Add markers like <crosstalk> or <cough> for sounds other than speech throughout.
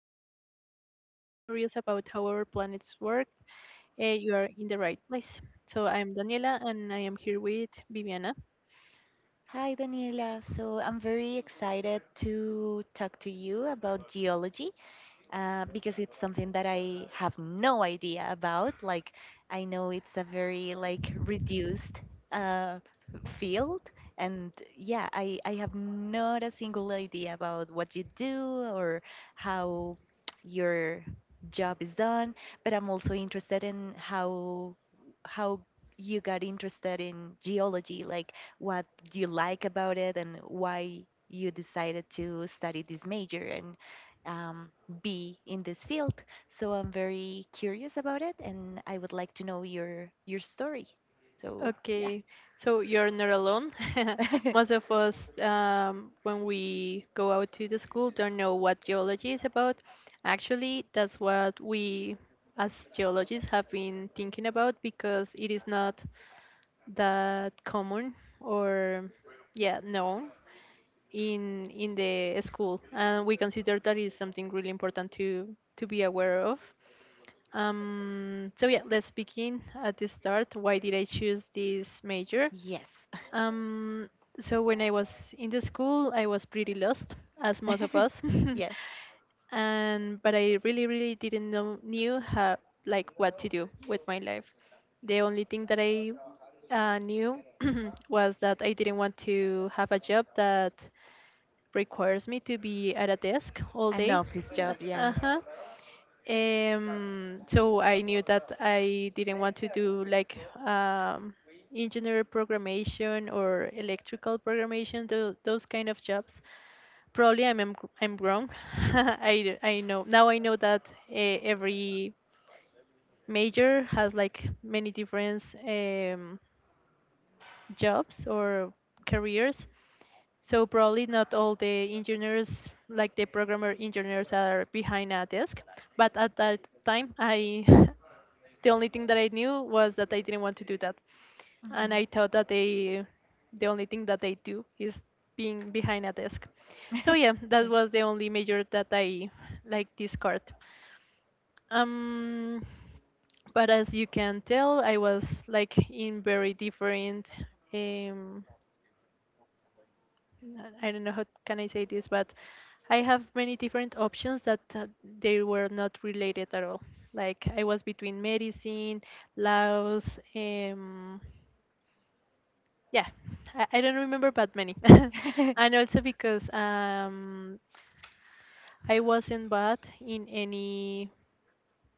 to geology or just curious about how our planets work, you are in the right place. So, I'm Daniela and I am here with Viviana. Hi, Daniela. So I'm very excited to talk to you about geology because it's something that I have no idea about. Like, I know it's a very like reduced uh, field, and yeah, I have not a single idea about what you do or how your job is done. But I'm also interested in how how you got interested in geology, like what you like about it and why you decided to study this major and um, be in this field. So I'm very curious about it, and I would like to know your story. So yeah. Okay, so you're not alone. <laughs> <laughs> Most of us, when we go out to the school, don't know what geology is about. Actually, that's what we as geologists have been thinking about, because it is not that common, or yeah, known in the school, and we consider that is something really important to be aware of. So yeah, let's begin at the start. Why did I choose this major? Yes. Um, so when I was in the school, I was pretty lost, as most of us. <laughs> Yes. <laughs> and but I really didn't know knew how, like what to do with my life. The only thing that I knew <clears throat> was that I didn't want to have a job that requires me to be at a desk all An day. office job. Uh Yeah. huh. So I knew that I didn't want to do like um, engineer programmation or electrical programmation, those kind of jobs. Probably I'm, I'm wrong. <laughs> I know that every major has like many different jobs or careers. So, probably not all the engineers, like the programmer engineers, are behind a desk. But at that time, I, <laughs> the only thing that I knew was that I didn't want to do that, and Mhm. I thought that the only thing that they do is being behind a desk. So <laughs> yeah, that Yeah. was the only major that I like discard. Um, but as you can tell, I was like in very different um, I don't know how can I say this, but I have many different options that they were not related at all. Like, I was between medicine, Laos, yeah, I don't remember, but many. <laughs> And <laughs> also because I wasn't bad in any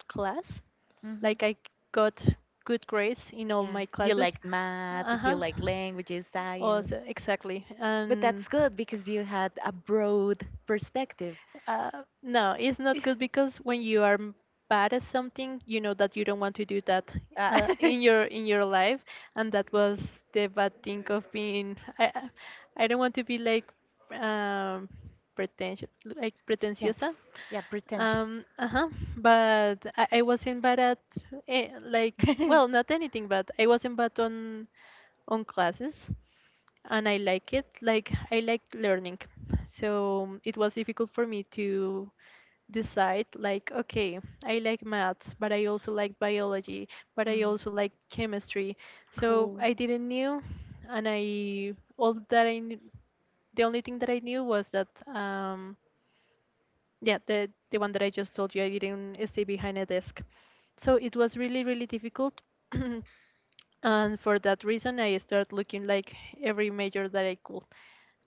class. Mhm. Like, I got good grades in all Yeah. my You classes. like Uh math, you huh. like languages, science. Also, exactly. But And that's good because you had a broad perspective. uh, no, it's not good, <laughs> because when you are bad at something, you know that you don't want to do that Uh, <laughs> in your life. And that was the bad thing of being. I don't want to be like um, pretentious, like yeah. pretentiosa. Yeah, pretentious. Uh-huh. But I wasn't bad at, like, well, not <laughs> anything, but I wasn't bad on classes, and I like it. Like, I liked learning, so it was difficult for me to decide. Like, okay, I like maths, but I also like biology, but I Mm, also like chemistry. So cool. I didn't knew, and I all that I knew, the only thing that I knew was that yeah, the one that I just told you, I didn't stay behind a desk. So it was really, really difficult. And for that reason, I started looking like every major that I could.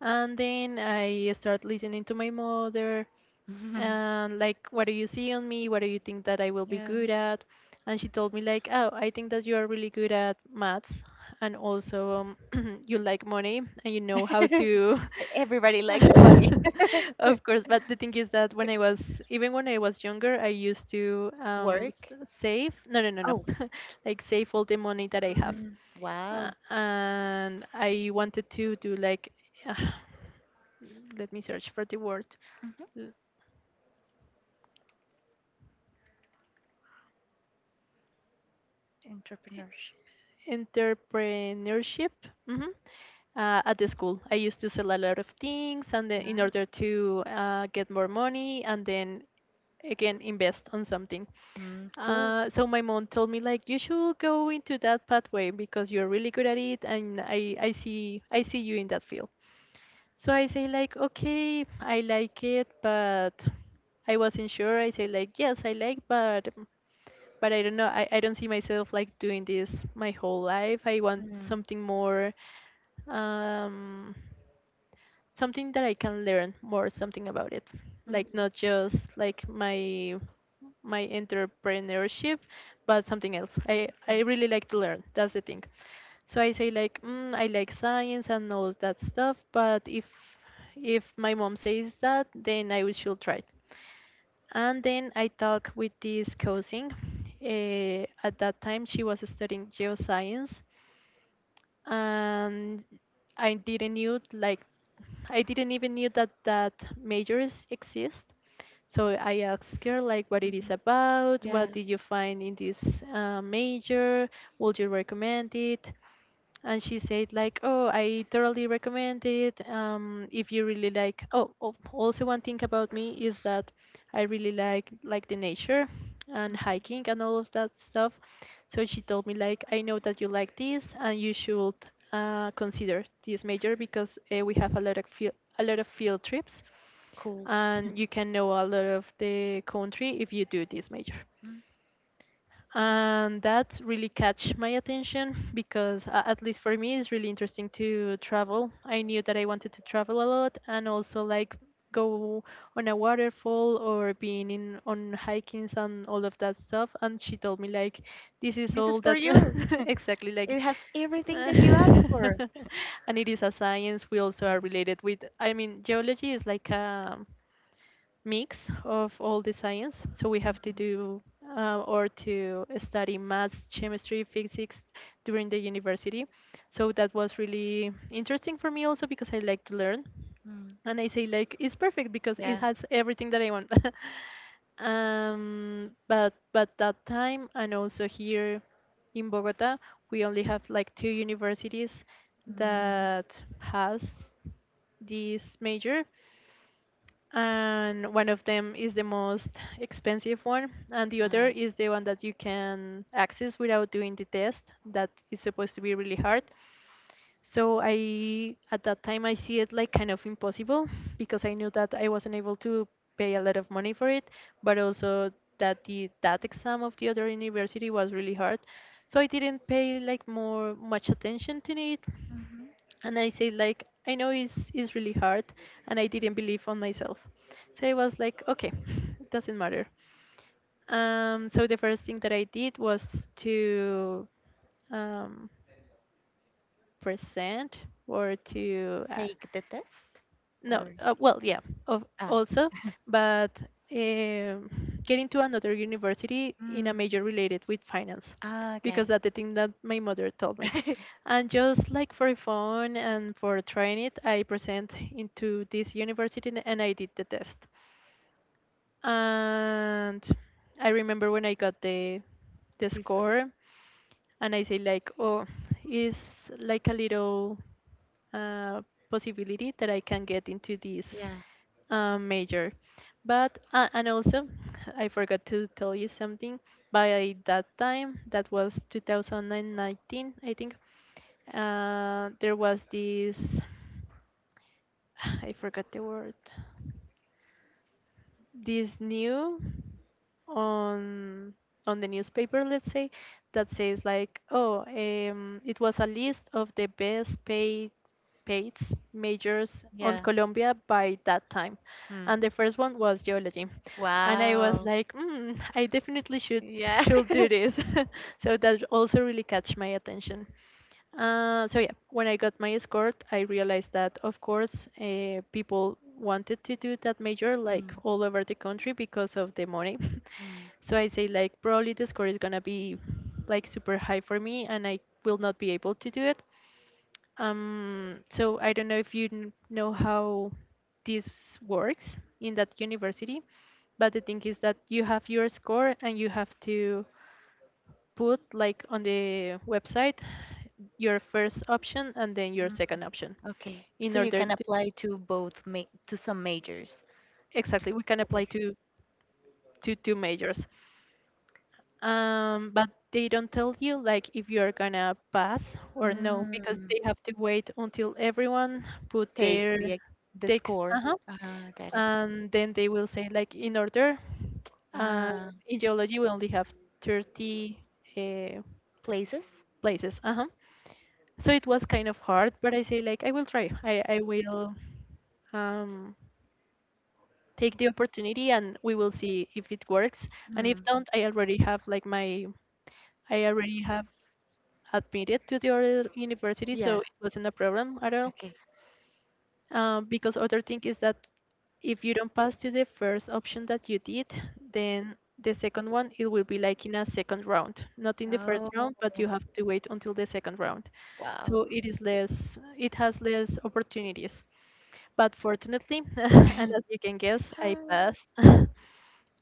And then I started listening to my mother, and <laughs> like, what do you see on me? What do you think that I will be yeah. good at? And she told me like, oh, I think that you are really good at maths, and also, <clears throat> you like money and you know how <laughs> to— Everybody likes money. <laughs> Of course, but the thing is that when I was, even when I was younger, I used to, Work. Save— no, no, no, no. Oh, <laughs> Like, save all the money that I have. mm, wow. And I wanted to do like <sighs> uh, let me search for the word. Mhm. Entrepreneurship. Entrepreneurship. hmm at the school, I used to sell a lot of things, and then in Yeah. order to get more money, and then again invest on something. Mm, cool. So my mom told me like, you should go into that pathway because you're really good at it, and I see you in that field. So I say like, okay, I like it, but I wasn't sure. I say like, yes, I like, but I don't know. I don't see myself like doing this my whole life. I want Mm, mhm. something more. Um, something that I can learn more something about it. Mm, Like, not just like my entrepreneurship, but something else. I really like to learn. That's the thing. So I say like, I like science and all that stuff, but if my mom says that, then I should try it. And then I talk with this cousin. At that time, she was studying geoscience, and I didn't knew like, I didn't even knew that that majors exist. So I asked her like, what it is about, what did you find in this major, would you recommend it? And she said like, oh, I totally recommend it. If you really like— oh, oh, also one thing about me is that I really like the nature and hiking and all of that stuff. So she told me like, I know that you like this, and you should consider this major because we have a lot of field— a lot of field trips, cool. and <laughs> you can know a lot of the country if you do this major. Mm. And that really catch my attention, because at least for me, it's really interesting to travel. I knew that I wanted to travel a lot, and also like, go on a waterfall or being in on hikings and all of that stuff. And she told me like, this is This is all for that— you. <laughs> <laughs> exactly, like— It has <laughs> everything that you ask for. and it is a science. We also are Mm. related with, I mean, geology is like a mix of all the science. So we have to do or to study maths, chemistry, physics during the university. So that was really interesting for me, also because I like to learn. Mm. And I say like, it's perfect because it Yeah. has everything that I want. <laughs> But that time, and also here in Bogota, we only have like two universities Mm. that has this major, and one of them is the most expensive one, and the other Uh, is the one that you can access without doing the test, that is supposed to be really hard. So, I at that time, I see it like kind of impossible, because I knew that I wasn't able to pay a lot of money for it. But also, that the that exam of the other university was really hard, so I didn't pay like more much attention to it. And I said like, I know it's really hard, and I didn't believe on myself. So I was like, okay, <laughs> it doesn't matter. So the first thing that I did was to, um, present, or to, take the test no, or well, yeah, of ah, also, but, um getting to another university in a major related with finance, ah, got because it. that's the thing that my mother told me. <laughs> And just like for fun and for trying it, I present into this university and I did the test. And I remember when I got the Result. score, and I say like, oh, it's like a little uh, possibility that I can get into this Yeah. Major. But, and also, I forgot to tell you something. By that time, that was 2019, I think. There was this— <sighs> I forgot the word— this new on the newspaper, let's say, that says like, oh, it was a list of the best paid, paid majors on Yeah. Colombia by that time, Hmm. and the first one was geology. And I was Wow. like, I definitely should Yeah. <laughs> Do this. <laughs> So that also really catch my attention. So yeah, when I got my escort, I realized that, of course, people wanted to do that major like all over the country because of the money. Mm. <laughs> So I say like, probably the score is gonna be like super high for me, and I will not be able to do it. So I don't know if you know how this works in that university, but the thing is that you have your score and you have to put like on the website your first option and then your Mm. second option Okay. in So you order can to apply to both to some majors. exactly we can apply Okay. to two majors, but they don't tell you like if you're gonna pass or no because Mm. they have to wait until everyone put takes their the ex- the takes. score. Uh-huh, Ah, got it. and then they will say like in order, uh, Ah, in geology we only have 30, uh, places. places. Uh-huh. So it was kind of hard, but I say like I will try. I will um, take the opportunity and we will see if it works. And if Mm. don't, I already have admitted to the other university, so Yeah. it wasn't a problem at all. Okay. Because other thing is that if you don't pass to the first option that you did, then the second one it will be like in a second round, not in the first Oh, round, but you have to wait until the second round. So wow. it is less it has less opportunities, but fortunately <laughs> and <laughs> as you can You guess, I passed. passed. <laughs>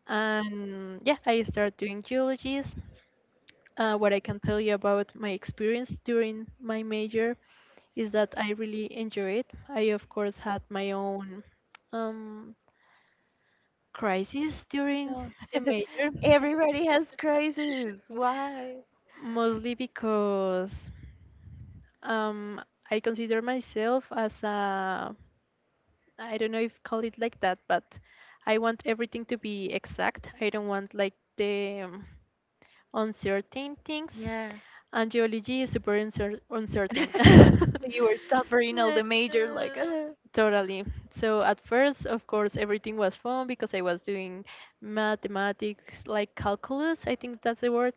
And yeah, I started doing geologies. What I can tell you about my experience during my major is that I really enjoy it. I, of course, had my own, um, crisis during No. the <laughs> major, <laughs> Everybody has crisis. Why? mostly because, um, I consider myself as a, I don't know if call it like that, but I want everything to be exact. I don't want like the, uncertain things. Yeah. And geology is super uncertain. <laughs> <laughs> So you were suffering all Uh, the major, like, uh, Totally. So at first, of course, everything was fun because I was doing mathematics, like calculus, I think that's the word,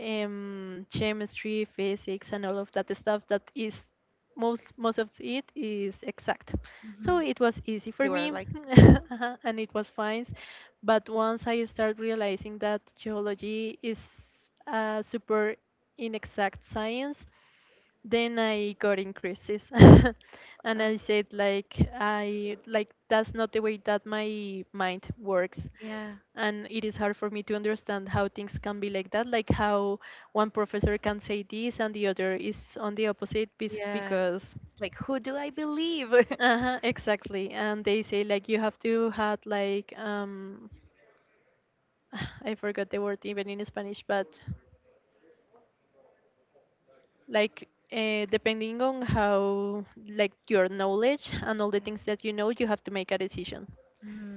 chemistry, physics, and all of that stuff that is, most of it is exact. hmm, So it was easy you for were me. like, <laughs> Uh-huh, and it was fine. But once I start realizing that geology is a super in exact science, then I got increases. <laughs> And oh, I said like, I like that's not the way that my mind works. yeah, And it is hard for me to understand how things can be like that, like how one professor can say this and the other is on the opposite yeah. because, It's like, who do I believe? <laughs> uh-huh, exactly. And they say like you have to had like, um, <sighs> I forgot the word even in Spanish, but like, depending on how like your knowledge and all the things that you know, you have to make a decision.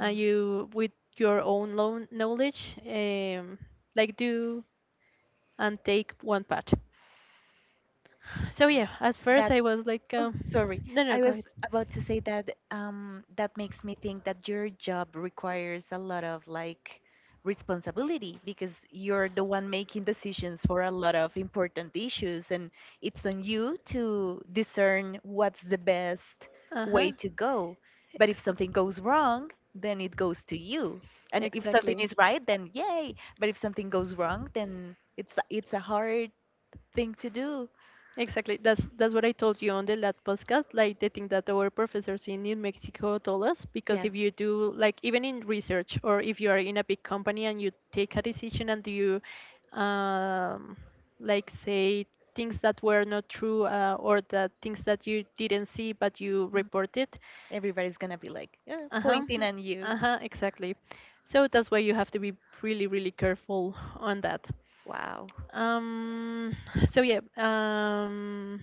And you with your own knowledge, like do and take one part. So yeah, Well, at first that I was like, Oh, sorry. no, no, I go was ahead. about to say that that makes me think that your job requires a lot of like responsibility because you're the one making decisions for a lot of important issues, and it's on you to discern what's the best Uh way huh. to go. But if Ex- something goes wrong, then it goes to you. And if something exactly. is right, then yay. But if something goes wrong, then it's a hard thing to do. Exactly. That's what I told you on the last podcast, like the thing that our professors in New Mexico told us. Because Yeah. if you do like even in research or if you are in a big company and you take a decision and you, um, like say things that were not true, or the things that you didn't see but you Mm. reported, Everybody's gonna be like, uh-huh. pointing at you." Uh-huh, exactly. So that's why you have to be really, really careful on that. Wow. Um, so yeah,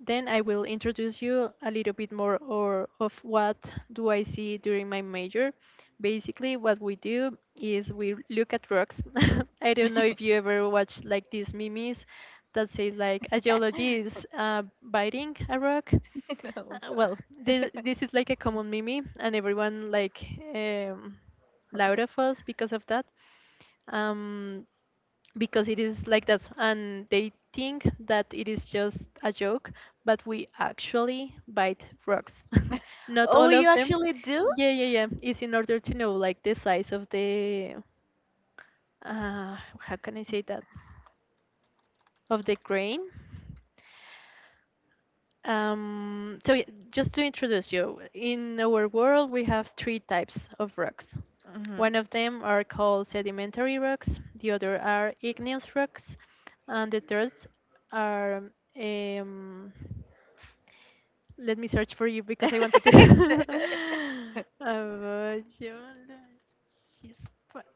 then I will introduce you a little bit more or of what do I see during my major. Basically, what we do is we look at rocks. <laughs> I don't know if you ever watch like these memes that say like a geologist is, biting a rock. <laughs> No. Well, this is like a common meme, and everyone like, um, loud of us because of that, um, because it is like that and they think that it is just a joke, but we actually bite rocks. <laughs> Not Oh, all you of them. actually do? Yeah, yeah, yeah, it's in order to know like the size of the, how can I say that, of the grain. Um, so, just to introduce you, in our world we have three types of rocks. Hmm. One of them are called sedimentary rocks, the other are igneous rocks, and the third are, um, let me search for you because I wanted to. <laughs> Geologist, but-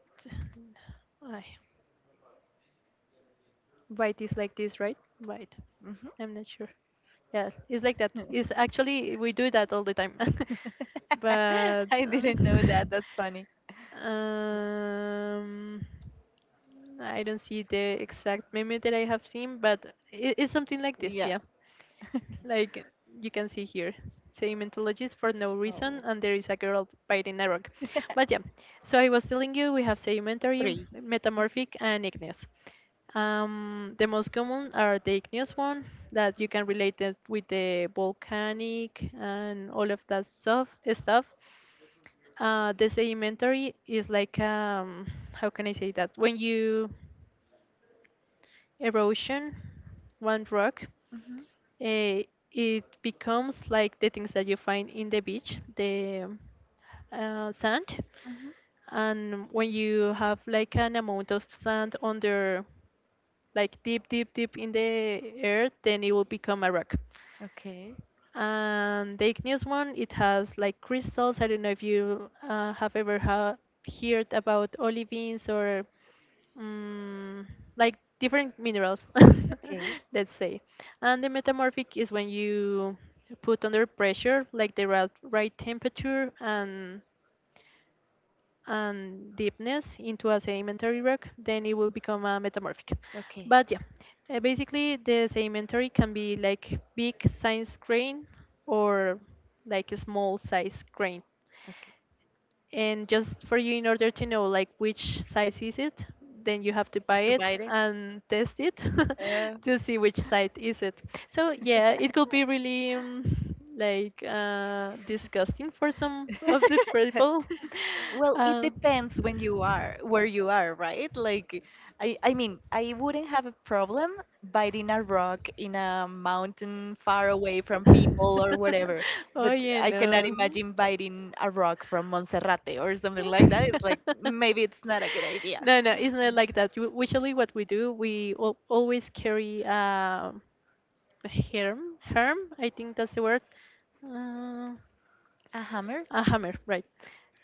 Ay, bite is like this, right? Bite. Hmm. I'm not sure. Yeah, it's like that. It's actually we do that all the time. <laughs> But <laughs> I didn't know that. That's funny. <laughs> um, I don't see the exact meme that I have seen, but it's something like this, Yeah. yeah. Like you can see here, sedimentologies for no Oh. reason, and there is a girl biting a rock. But yeah, so I was <laughs> telling you we have sedimentary, Three. metamorphic, and igneous. The most common are the igneous one that you can relate it with the volcanic and all of that stuff. The sedimentary is like, how can I say that? When you erosion one rock, Mm-hmm. eh, it becomes like the things that you find in the beach, the, sand. Mm-hmm. And when you have like an amount of sand under, like deep, deep, deep in the earth, then it will become a rock. Okay. And the igneous one, it has like crystals. I don't know if you, have ever heard about olivines or, mm, like different minerals, Okay. <laughs> let's say. And the metamorphic is when you put under pressure, like the right temperature, and deepness into a sedimentary rock, then it will become a metamorphic. Okay. But yeah, basically the sedimentary can be like big size grain or like a small size grain. Okay. And just for you in order to know like which size is it, then you have to buy it and test it Uh, <laughs> to see which size is it. So yeah, it could be really, like, disgusting for some of the <laughs> people. <laughs> well, it Uh, depends when you are where you are, right? Like, I mean, I wouldn't have a problem biting a rock in a mountain far away from people or whatever, <laughs> but Oye, I cannot no. imagine biting a rock from Monserrate or something like that. It's like maybe it's <laughs> not a good idea. Not, no, no, it's not like that. Usually, what we do, we al always carry, a herm. Herm, I think that's the word. Uh, A hammer? a hammer, right?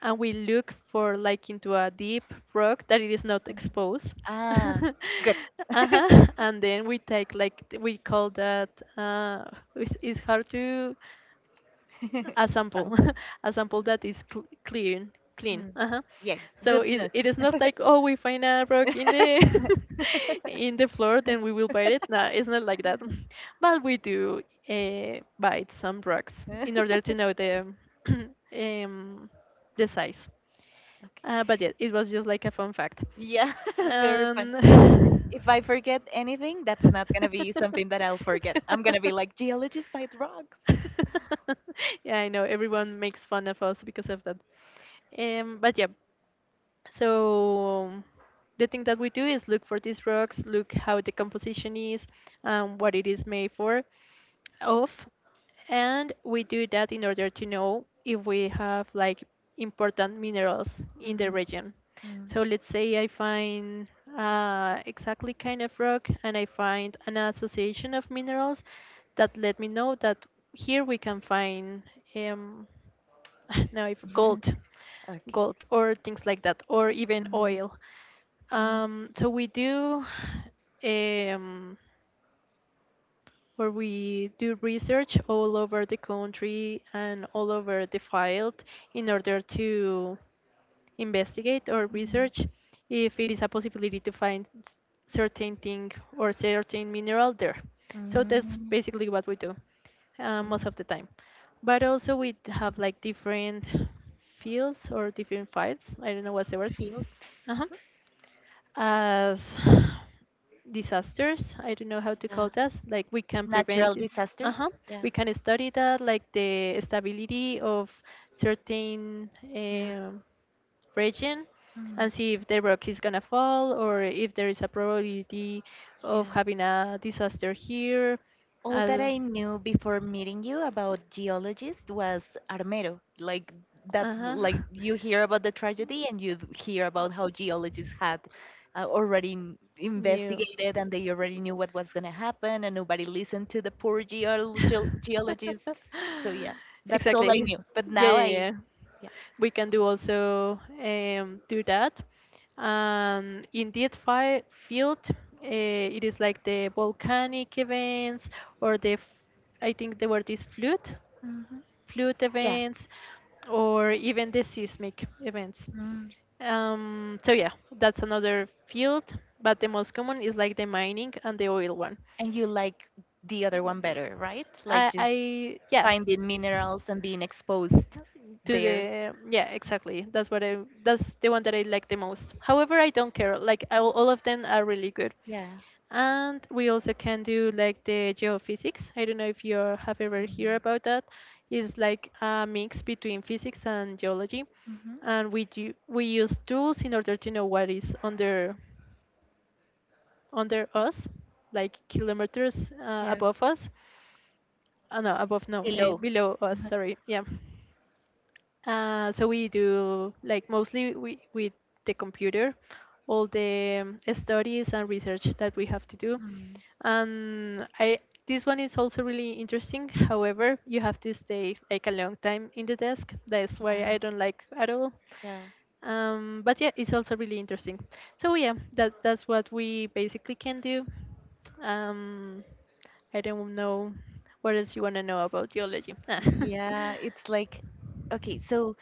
And we look for like into a deep rock that it is not exposed. <laughs> Ah, <laughs> Uh-huh. And then we take like we call that, uh, it's hard to, <laughs> a sample. sample. <laughs> A sample that is clean. Clean, Mm. uh-huh. Yeah, So goodness. it is not <laughs> like, oh, we find a rock in the <laughs> in the floor, then we will bite it. No, it's not like that. <laughs> But we do, bite some rocks in order to know the, <clears throat> um, the size. Okay. Uh, but yeah, it was just like a fun fact. Yeah, <laughs> very fun. Um, That's if I forget anything, that's not gonna be something that I'll forget. I'm gonna be <laughs> like geologist by the rocks. <laughs> yeah, I know everyone makes fun of us because of that. But yeah. So the thing that we do is look for these rocks, look how the composition is, what it is made of, and we do that in order to know if we have like important minerals in the Mm, region. mm, So let's say I find, exactly kind of rock and I find an association of minerals that let me know that here we can find, um, <laughs> now if okay. gold or things like that, or even Mm, mm, oil. So we do, um, where we do research all over the country and all over the field in order to investigate or research if it is a possibility to find certain thing or certain mineral there. mm, So mm, that's mm. basically what we do, most of Mhm. the time. But also we have like different fields or different files. I don't know what's the word. Uh-huh. As <sighs> disasters, I don't know how to Yeah. call that. Like we can Natural prevent it. disasters. Uh-huh. Yeah. We can study that, like the stability of certain, region, Mm, and see if the rock is gonna fall or if there is a probability of yeah. having a disaster here. All that Uh, I knew before meeting you about geologists was Armero. Like that's uh-huh. like you hear about the tragedy and you hear about how geologists had already New. investigated and they already knew what was going to happen and nobody listened to the poor geologists. So yeah, <laughs> that's all I Exactly. knew. But Yeah, now yeah, I yeah. yeah. We can do also, do that. And in that fi field, it is like the volcanic events or the, f- I think there were these Hmm. flood Yeah. events, or even the seismic events. Mm. So yeah, that's another field, but the most common is like the mining and the oil one. And you like the other one better, right? Like just I yeah, finding minerals and being exposed to there. the yeah exactly that's what I that's the one that I like the most. However, I don't care like all of them are really good. Yeah. And we also can do like the geophysics. I don't know if you have ever heard about that. It's like a mix between physics and geology. Mm-hmm. And we do, we use tools in order to know what is under under us, like kilometers, above us. Oh no, above no, below us. Mhm. Sorry, yeah. So we do like mostly we with the computer, all the, studies and research that we have to do. And I, this one is also really interesting. However, you have to stay like a long time in the desk. That's why I don't like at all. Yeah. But yeah, it's also really interesting. So yeah, that that's what we basically can do. Um, I don't know what else you want to know about geology. Ah. Yeah, it's like, okay, so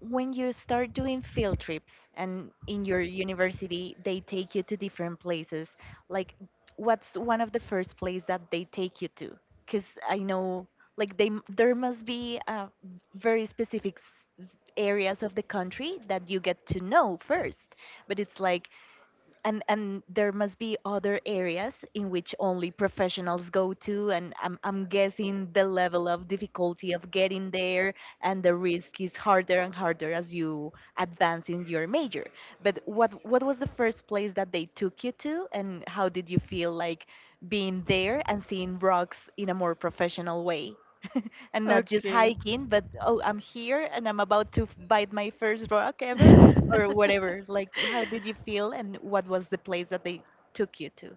when you start doing field trips and in your university, they take you to different places. Like, what's one of the first place that <laughs> they take you to? Because I know, like, there must be very specific areas of the country that you get to know first. But it's like, and there must be other areas in which only professionals go to and I'm guessing the level of difficulty of getting there and the risk is harder and harder as you advance in your major but what was the first place that they took you to and how did you feel like being there and seeing rocks in a more professional way and not just Okay. hiking, but oh, I'm here and I'm about to bite my first rock ever or whatever. Like, how <laughs> did you feel and what was the place that they took you to?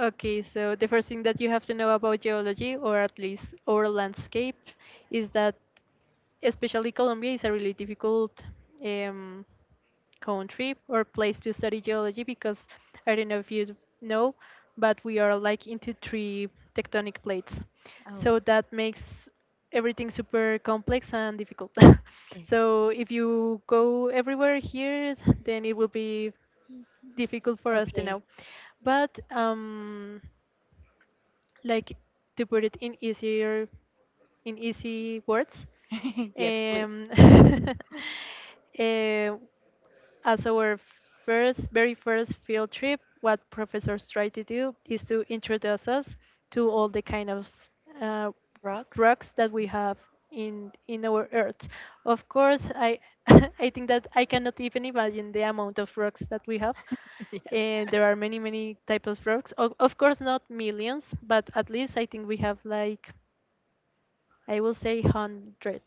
Okay, so the first thing that you have to know about geology, or at least our landscape, is that especially Colombia is a really difficult um, country or place to study geology because I don't know if you know, but we are like into three tectonic plates. Oh, So that makes everything super complex and difficult. <laughs> okay. So if you go everywhere here, then it will be difficult for us to Okay. know. But like to put it in easier in easy words, <laughs> Yes, please. um, <laughs> eh, as our first very first field trip, what professors try to do is to introduce us to all the kind of uh, Rocks? rocks that we have in our earth. Of course, I <laughs> I think that I cannot even imagine the amount of rocks that we have. <laughs> Yes. There are many, many types of frogs. Of course, not millions, but at least I think we have like, I will say, hundred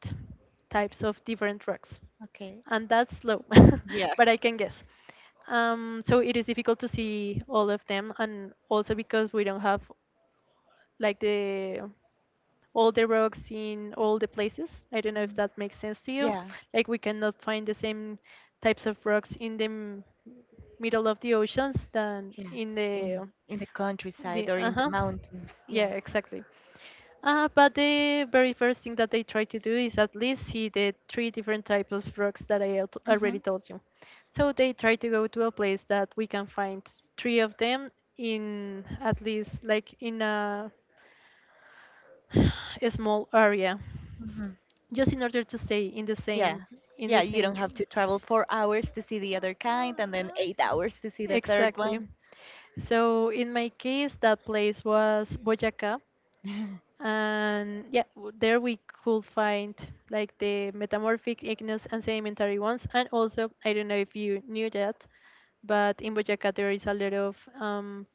types of different frogs, Okay. and that's low, Yeah. <laughs> but I can guess. So it is difficult to see all of them, and also because we don't have like the all the rocks in all the places. I don't know if Mm. that makes sense to you. Yeah, Like we cannot find the same types of rocks in the middle of the oceans than yeah, in in the countryside the or in the uh-huh. mountains. Yeah, Yeah. exactly. But the very first thing that they try to do is at least see the three different types of rocks that already Mhm. told you. So they try to go to a place that we can find three of them in at least like in a <sighs> a small area Mhm. just in order to stay in the Yeah. same in Yeah, the you don't same have to travel 4 hours to see the other kind and then 8 hours to see the third exactly. one. So in my case, that place was Boyaca. <laughs> And yeah, there we could find like the metamorphic, igneous and sedimentary ones. And also, I don't know if you knew that, but in Boyaca there is a lot of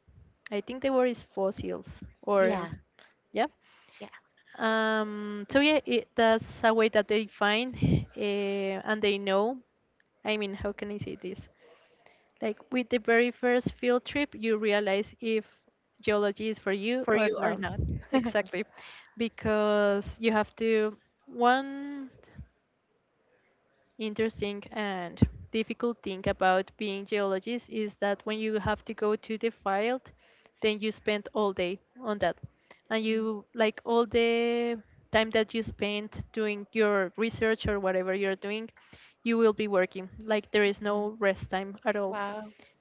I think the word is fossils, or Yeah, yeah. So yeah, that's a way that they find, uh, and they know. I mean, how can I say this? Like, with the very first field trip, you realize if yeah. geology is for you For or you or not. not. <laughs> Exactly. Because you have to, one interesting and difficult thing about being geologist is that when you have to go to the field, then you spend all day on that. And you, like all the time that you spend doing your research or whatever you're doing, you will be working. Like there is no rest time at all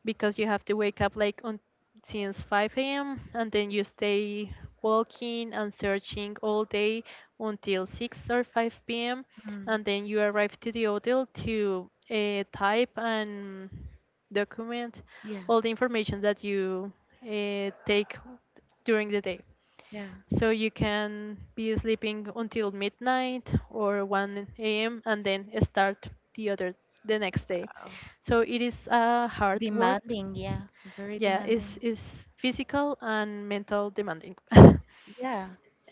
because you have to wake up like on since 5 a.m. and then you stay walking and searching all day until 6 or 5 p.m. Mm. and then you arrive to the hotel to type and document Yeah, all the information that you take during the day. yeah. So you can be sleeping until midnight or 1 a.m. and then start the other the next day. Oh. So it is a hard work. Demanding, yeah. Very Yeah, it's demanding. it's physical and mental demanding. <laughs> Yeah.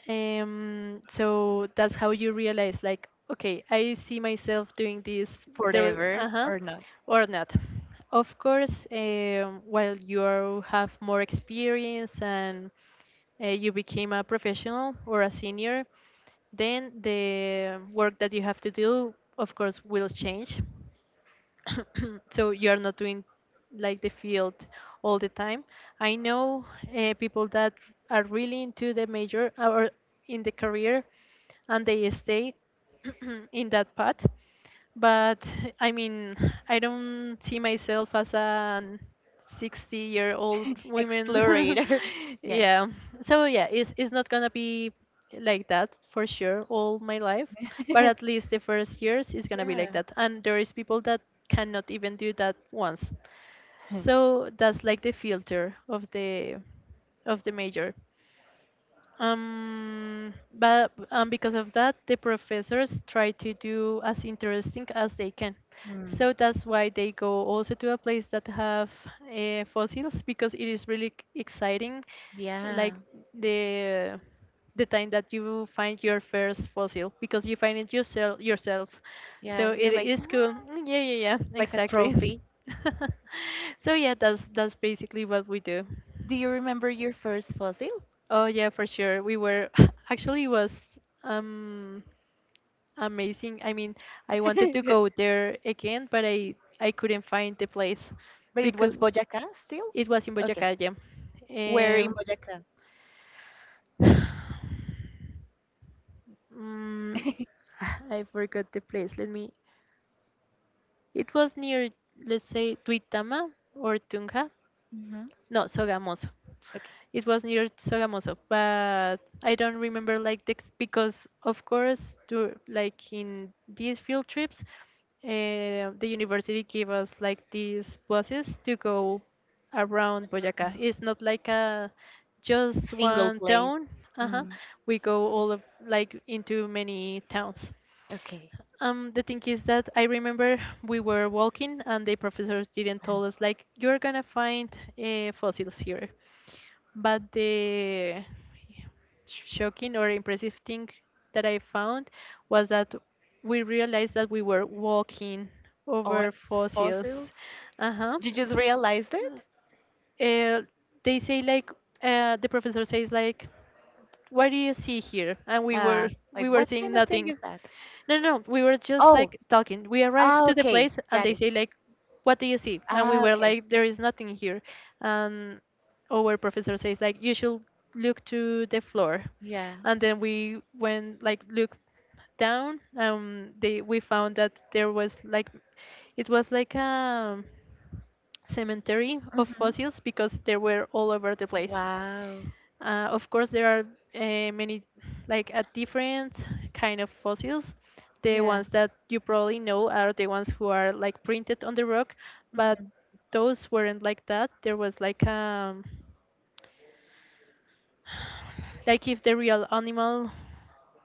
Um, so that's how you realize, like, okay, I see myself doing this, there, Forever uh-huh, or not. or not. Of course, while you have more experience and you became a professional or a senior, then the work that you have to do, of course, will change. <coughs> <clears throat> So you are not doing like the field all the time. I know people that are really into the major or in the career, and they stay <coughs> <clears throat> in that path. But I mean, I don't see myself as an 60-year-old <laughs> women. Explorator. <laughs> <laughs> Yeah. Yeah, so yeah, it's not gonna be like that for sure all my life, but at <laughs> least the first years is gonna be Yeah. like that. And there is people that cannot even do that once, <laughs> so that's like the filter of the major. But because of that, the professors try to do as interesting as they can. Mm. So that's why they go also to a place that have fossils, because it is really exciting, Yeah, like the the time that you find your first fossil, because you find it yourself. yeah. So You're it like, yeah, is cool. Mm, yeah, yeah, yeah, like a exactly. trophy. <laughs> So yeah, that's basically what we do. Do you remember your first fossil? Oh yeah, for sure. We were <laughs> actually it was um amazing. I mean, I wanted to <laughs> go there again, but I couldn't find the place But it because was Boyacá still? it was in Okay. Boyacá, yeah. Where in Um, Boyacá? mm, <laughs> <sighs> I forgot the place. Let me. It was near, let's say, Tuitama or Tunja. Hmm. No, Sogamoso. Okay. It was near Sogamoso, but I don't remember like because of course, like in these field trips, the university gave us like these buses to go around Boyacá. It's not like a just Single one place. town. Uh-huh. Mm, We go all of like into many towns. okay. The thing is that I remember we were walking and the professors didn't tell us like you're gonna find fossils here. But the shocking or impressive thing that I found was that we realized that we were walking On over fossils? fossils. Uh huh. You just realized it? Uh, they say like the professor says like, what do you see here? And we Uh, were Like, we were what seeing kind of thing nothing. is that? No, no, no, we were just Oh, like talking. We arrived ah, to the okay. place and Got they it. say like, what do you see? And we Ah, were okay. like, there is nothing here. And our professor says like, you should look to the floor. Yeah. And then we went like look down. They we found that there was like, it was like a cemetery of Mhm. fossils because they were all over the place. Wow. Of course, there are many, like a different kind of fossils. The ones that you probably know are the ones who are like printed on the rock, but Mhm. those weren't like that. There was like <sighs> like if the real animal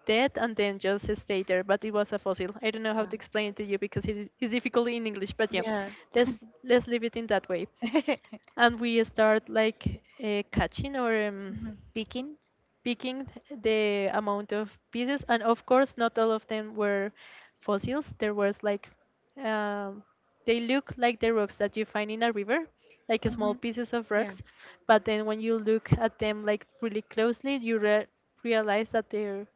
dead and then just stay there, but it was a fossil. I don't know how to explain it to you because it's difficult in English, but yeah, Yeah. let's let's leave it in that way. <laughs> And we start like catching or Hmm. Peking. picking the amount of pieces. And of course not all of them were fossils. There was like, um, they look like the rocks that you find in a river, like small Hmm. pieces of <laughs> Yeah. rocks. But then when you look at them like really closely, you realize that they're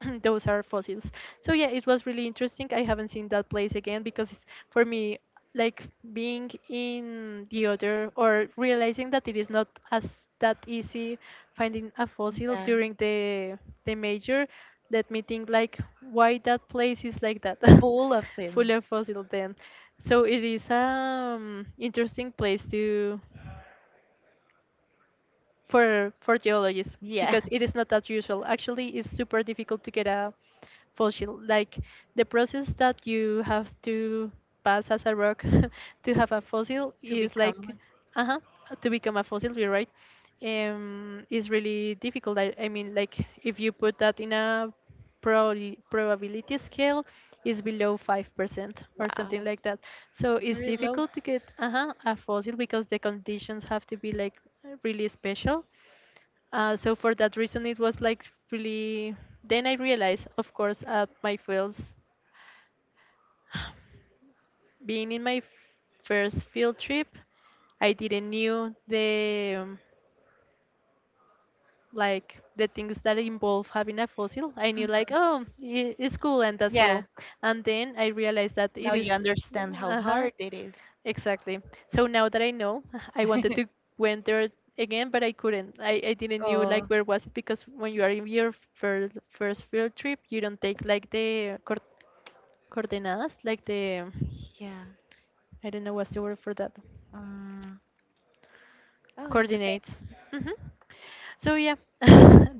<clears throat> those are fossils. So yeah, it was really interesting. I haven't seen that place again because it's, for me, like being in the other or realizing that it is not as that easy finding a fossil Yeah. during the major. Let me think like why that place is like that. <laughs> Full of Full film. of fossil then. So it is, um, interesting place to, for geologists, Yeah. because it <laughs> is not that usual. Actually, it's super difficult to get a fossil. Like the process that you have to pass as a rock <laughs> to have a fossil To is become like, one. uh huh, to become a fossil. You're right. Is really difficult. I mean, like if you put that in a probably probability scale is below 5% or something Wow. like that. So it's Very low. difficult to get a fossil because the conditions have to be like really special. So for that reason, it was like really. Then I realized, of course, at my fields, <sighs> being in my first field trip, I didn't knew the like the things that involve having a fossil. I knew like, Mhm. oh, it's cool, and that's all. Yeah. And then I realized that Now it is you understand how uh-huh, hard it is. exactly. So now that I know, <laughs> I wanted to <laughs> went there again, but I couldn't. I didn't knew like Oh. where was it, because when you are in your first field trip, you don't take like the coordenadas, like the, Yeah. I don't know what's the word for that. Um, oh, it's the same. Coordinates. Hmm. So yeah, <laughs>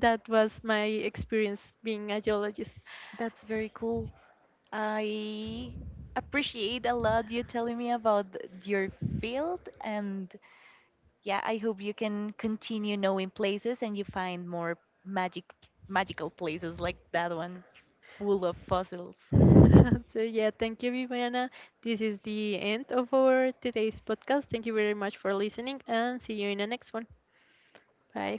that was my experience being a geologist. That's very cool. I appreciate a lot you telling me about your field, and yeah, I hope you can continue knowing places and you find more magic, magical places like that one, full of fossils. <laughs> So yeah, thank you, Viviana. This is the end of our today's podcast. Thank you very much for listening, and see you in the next one. Bye.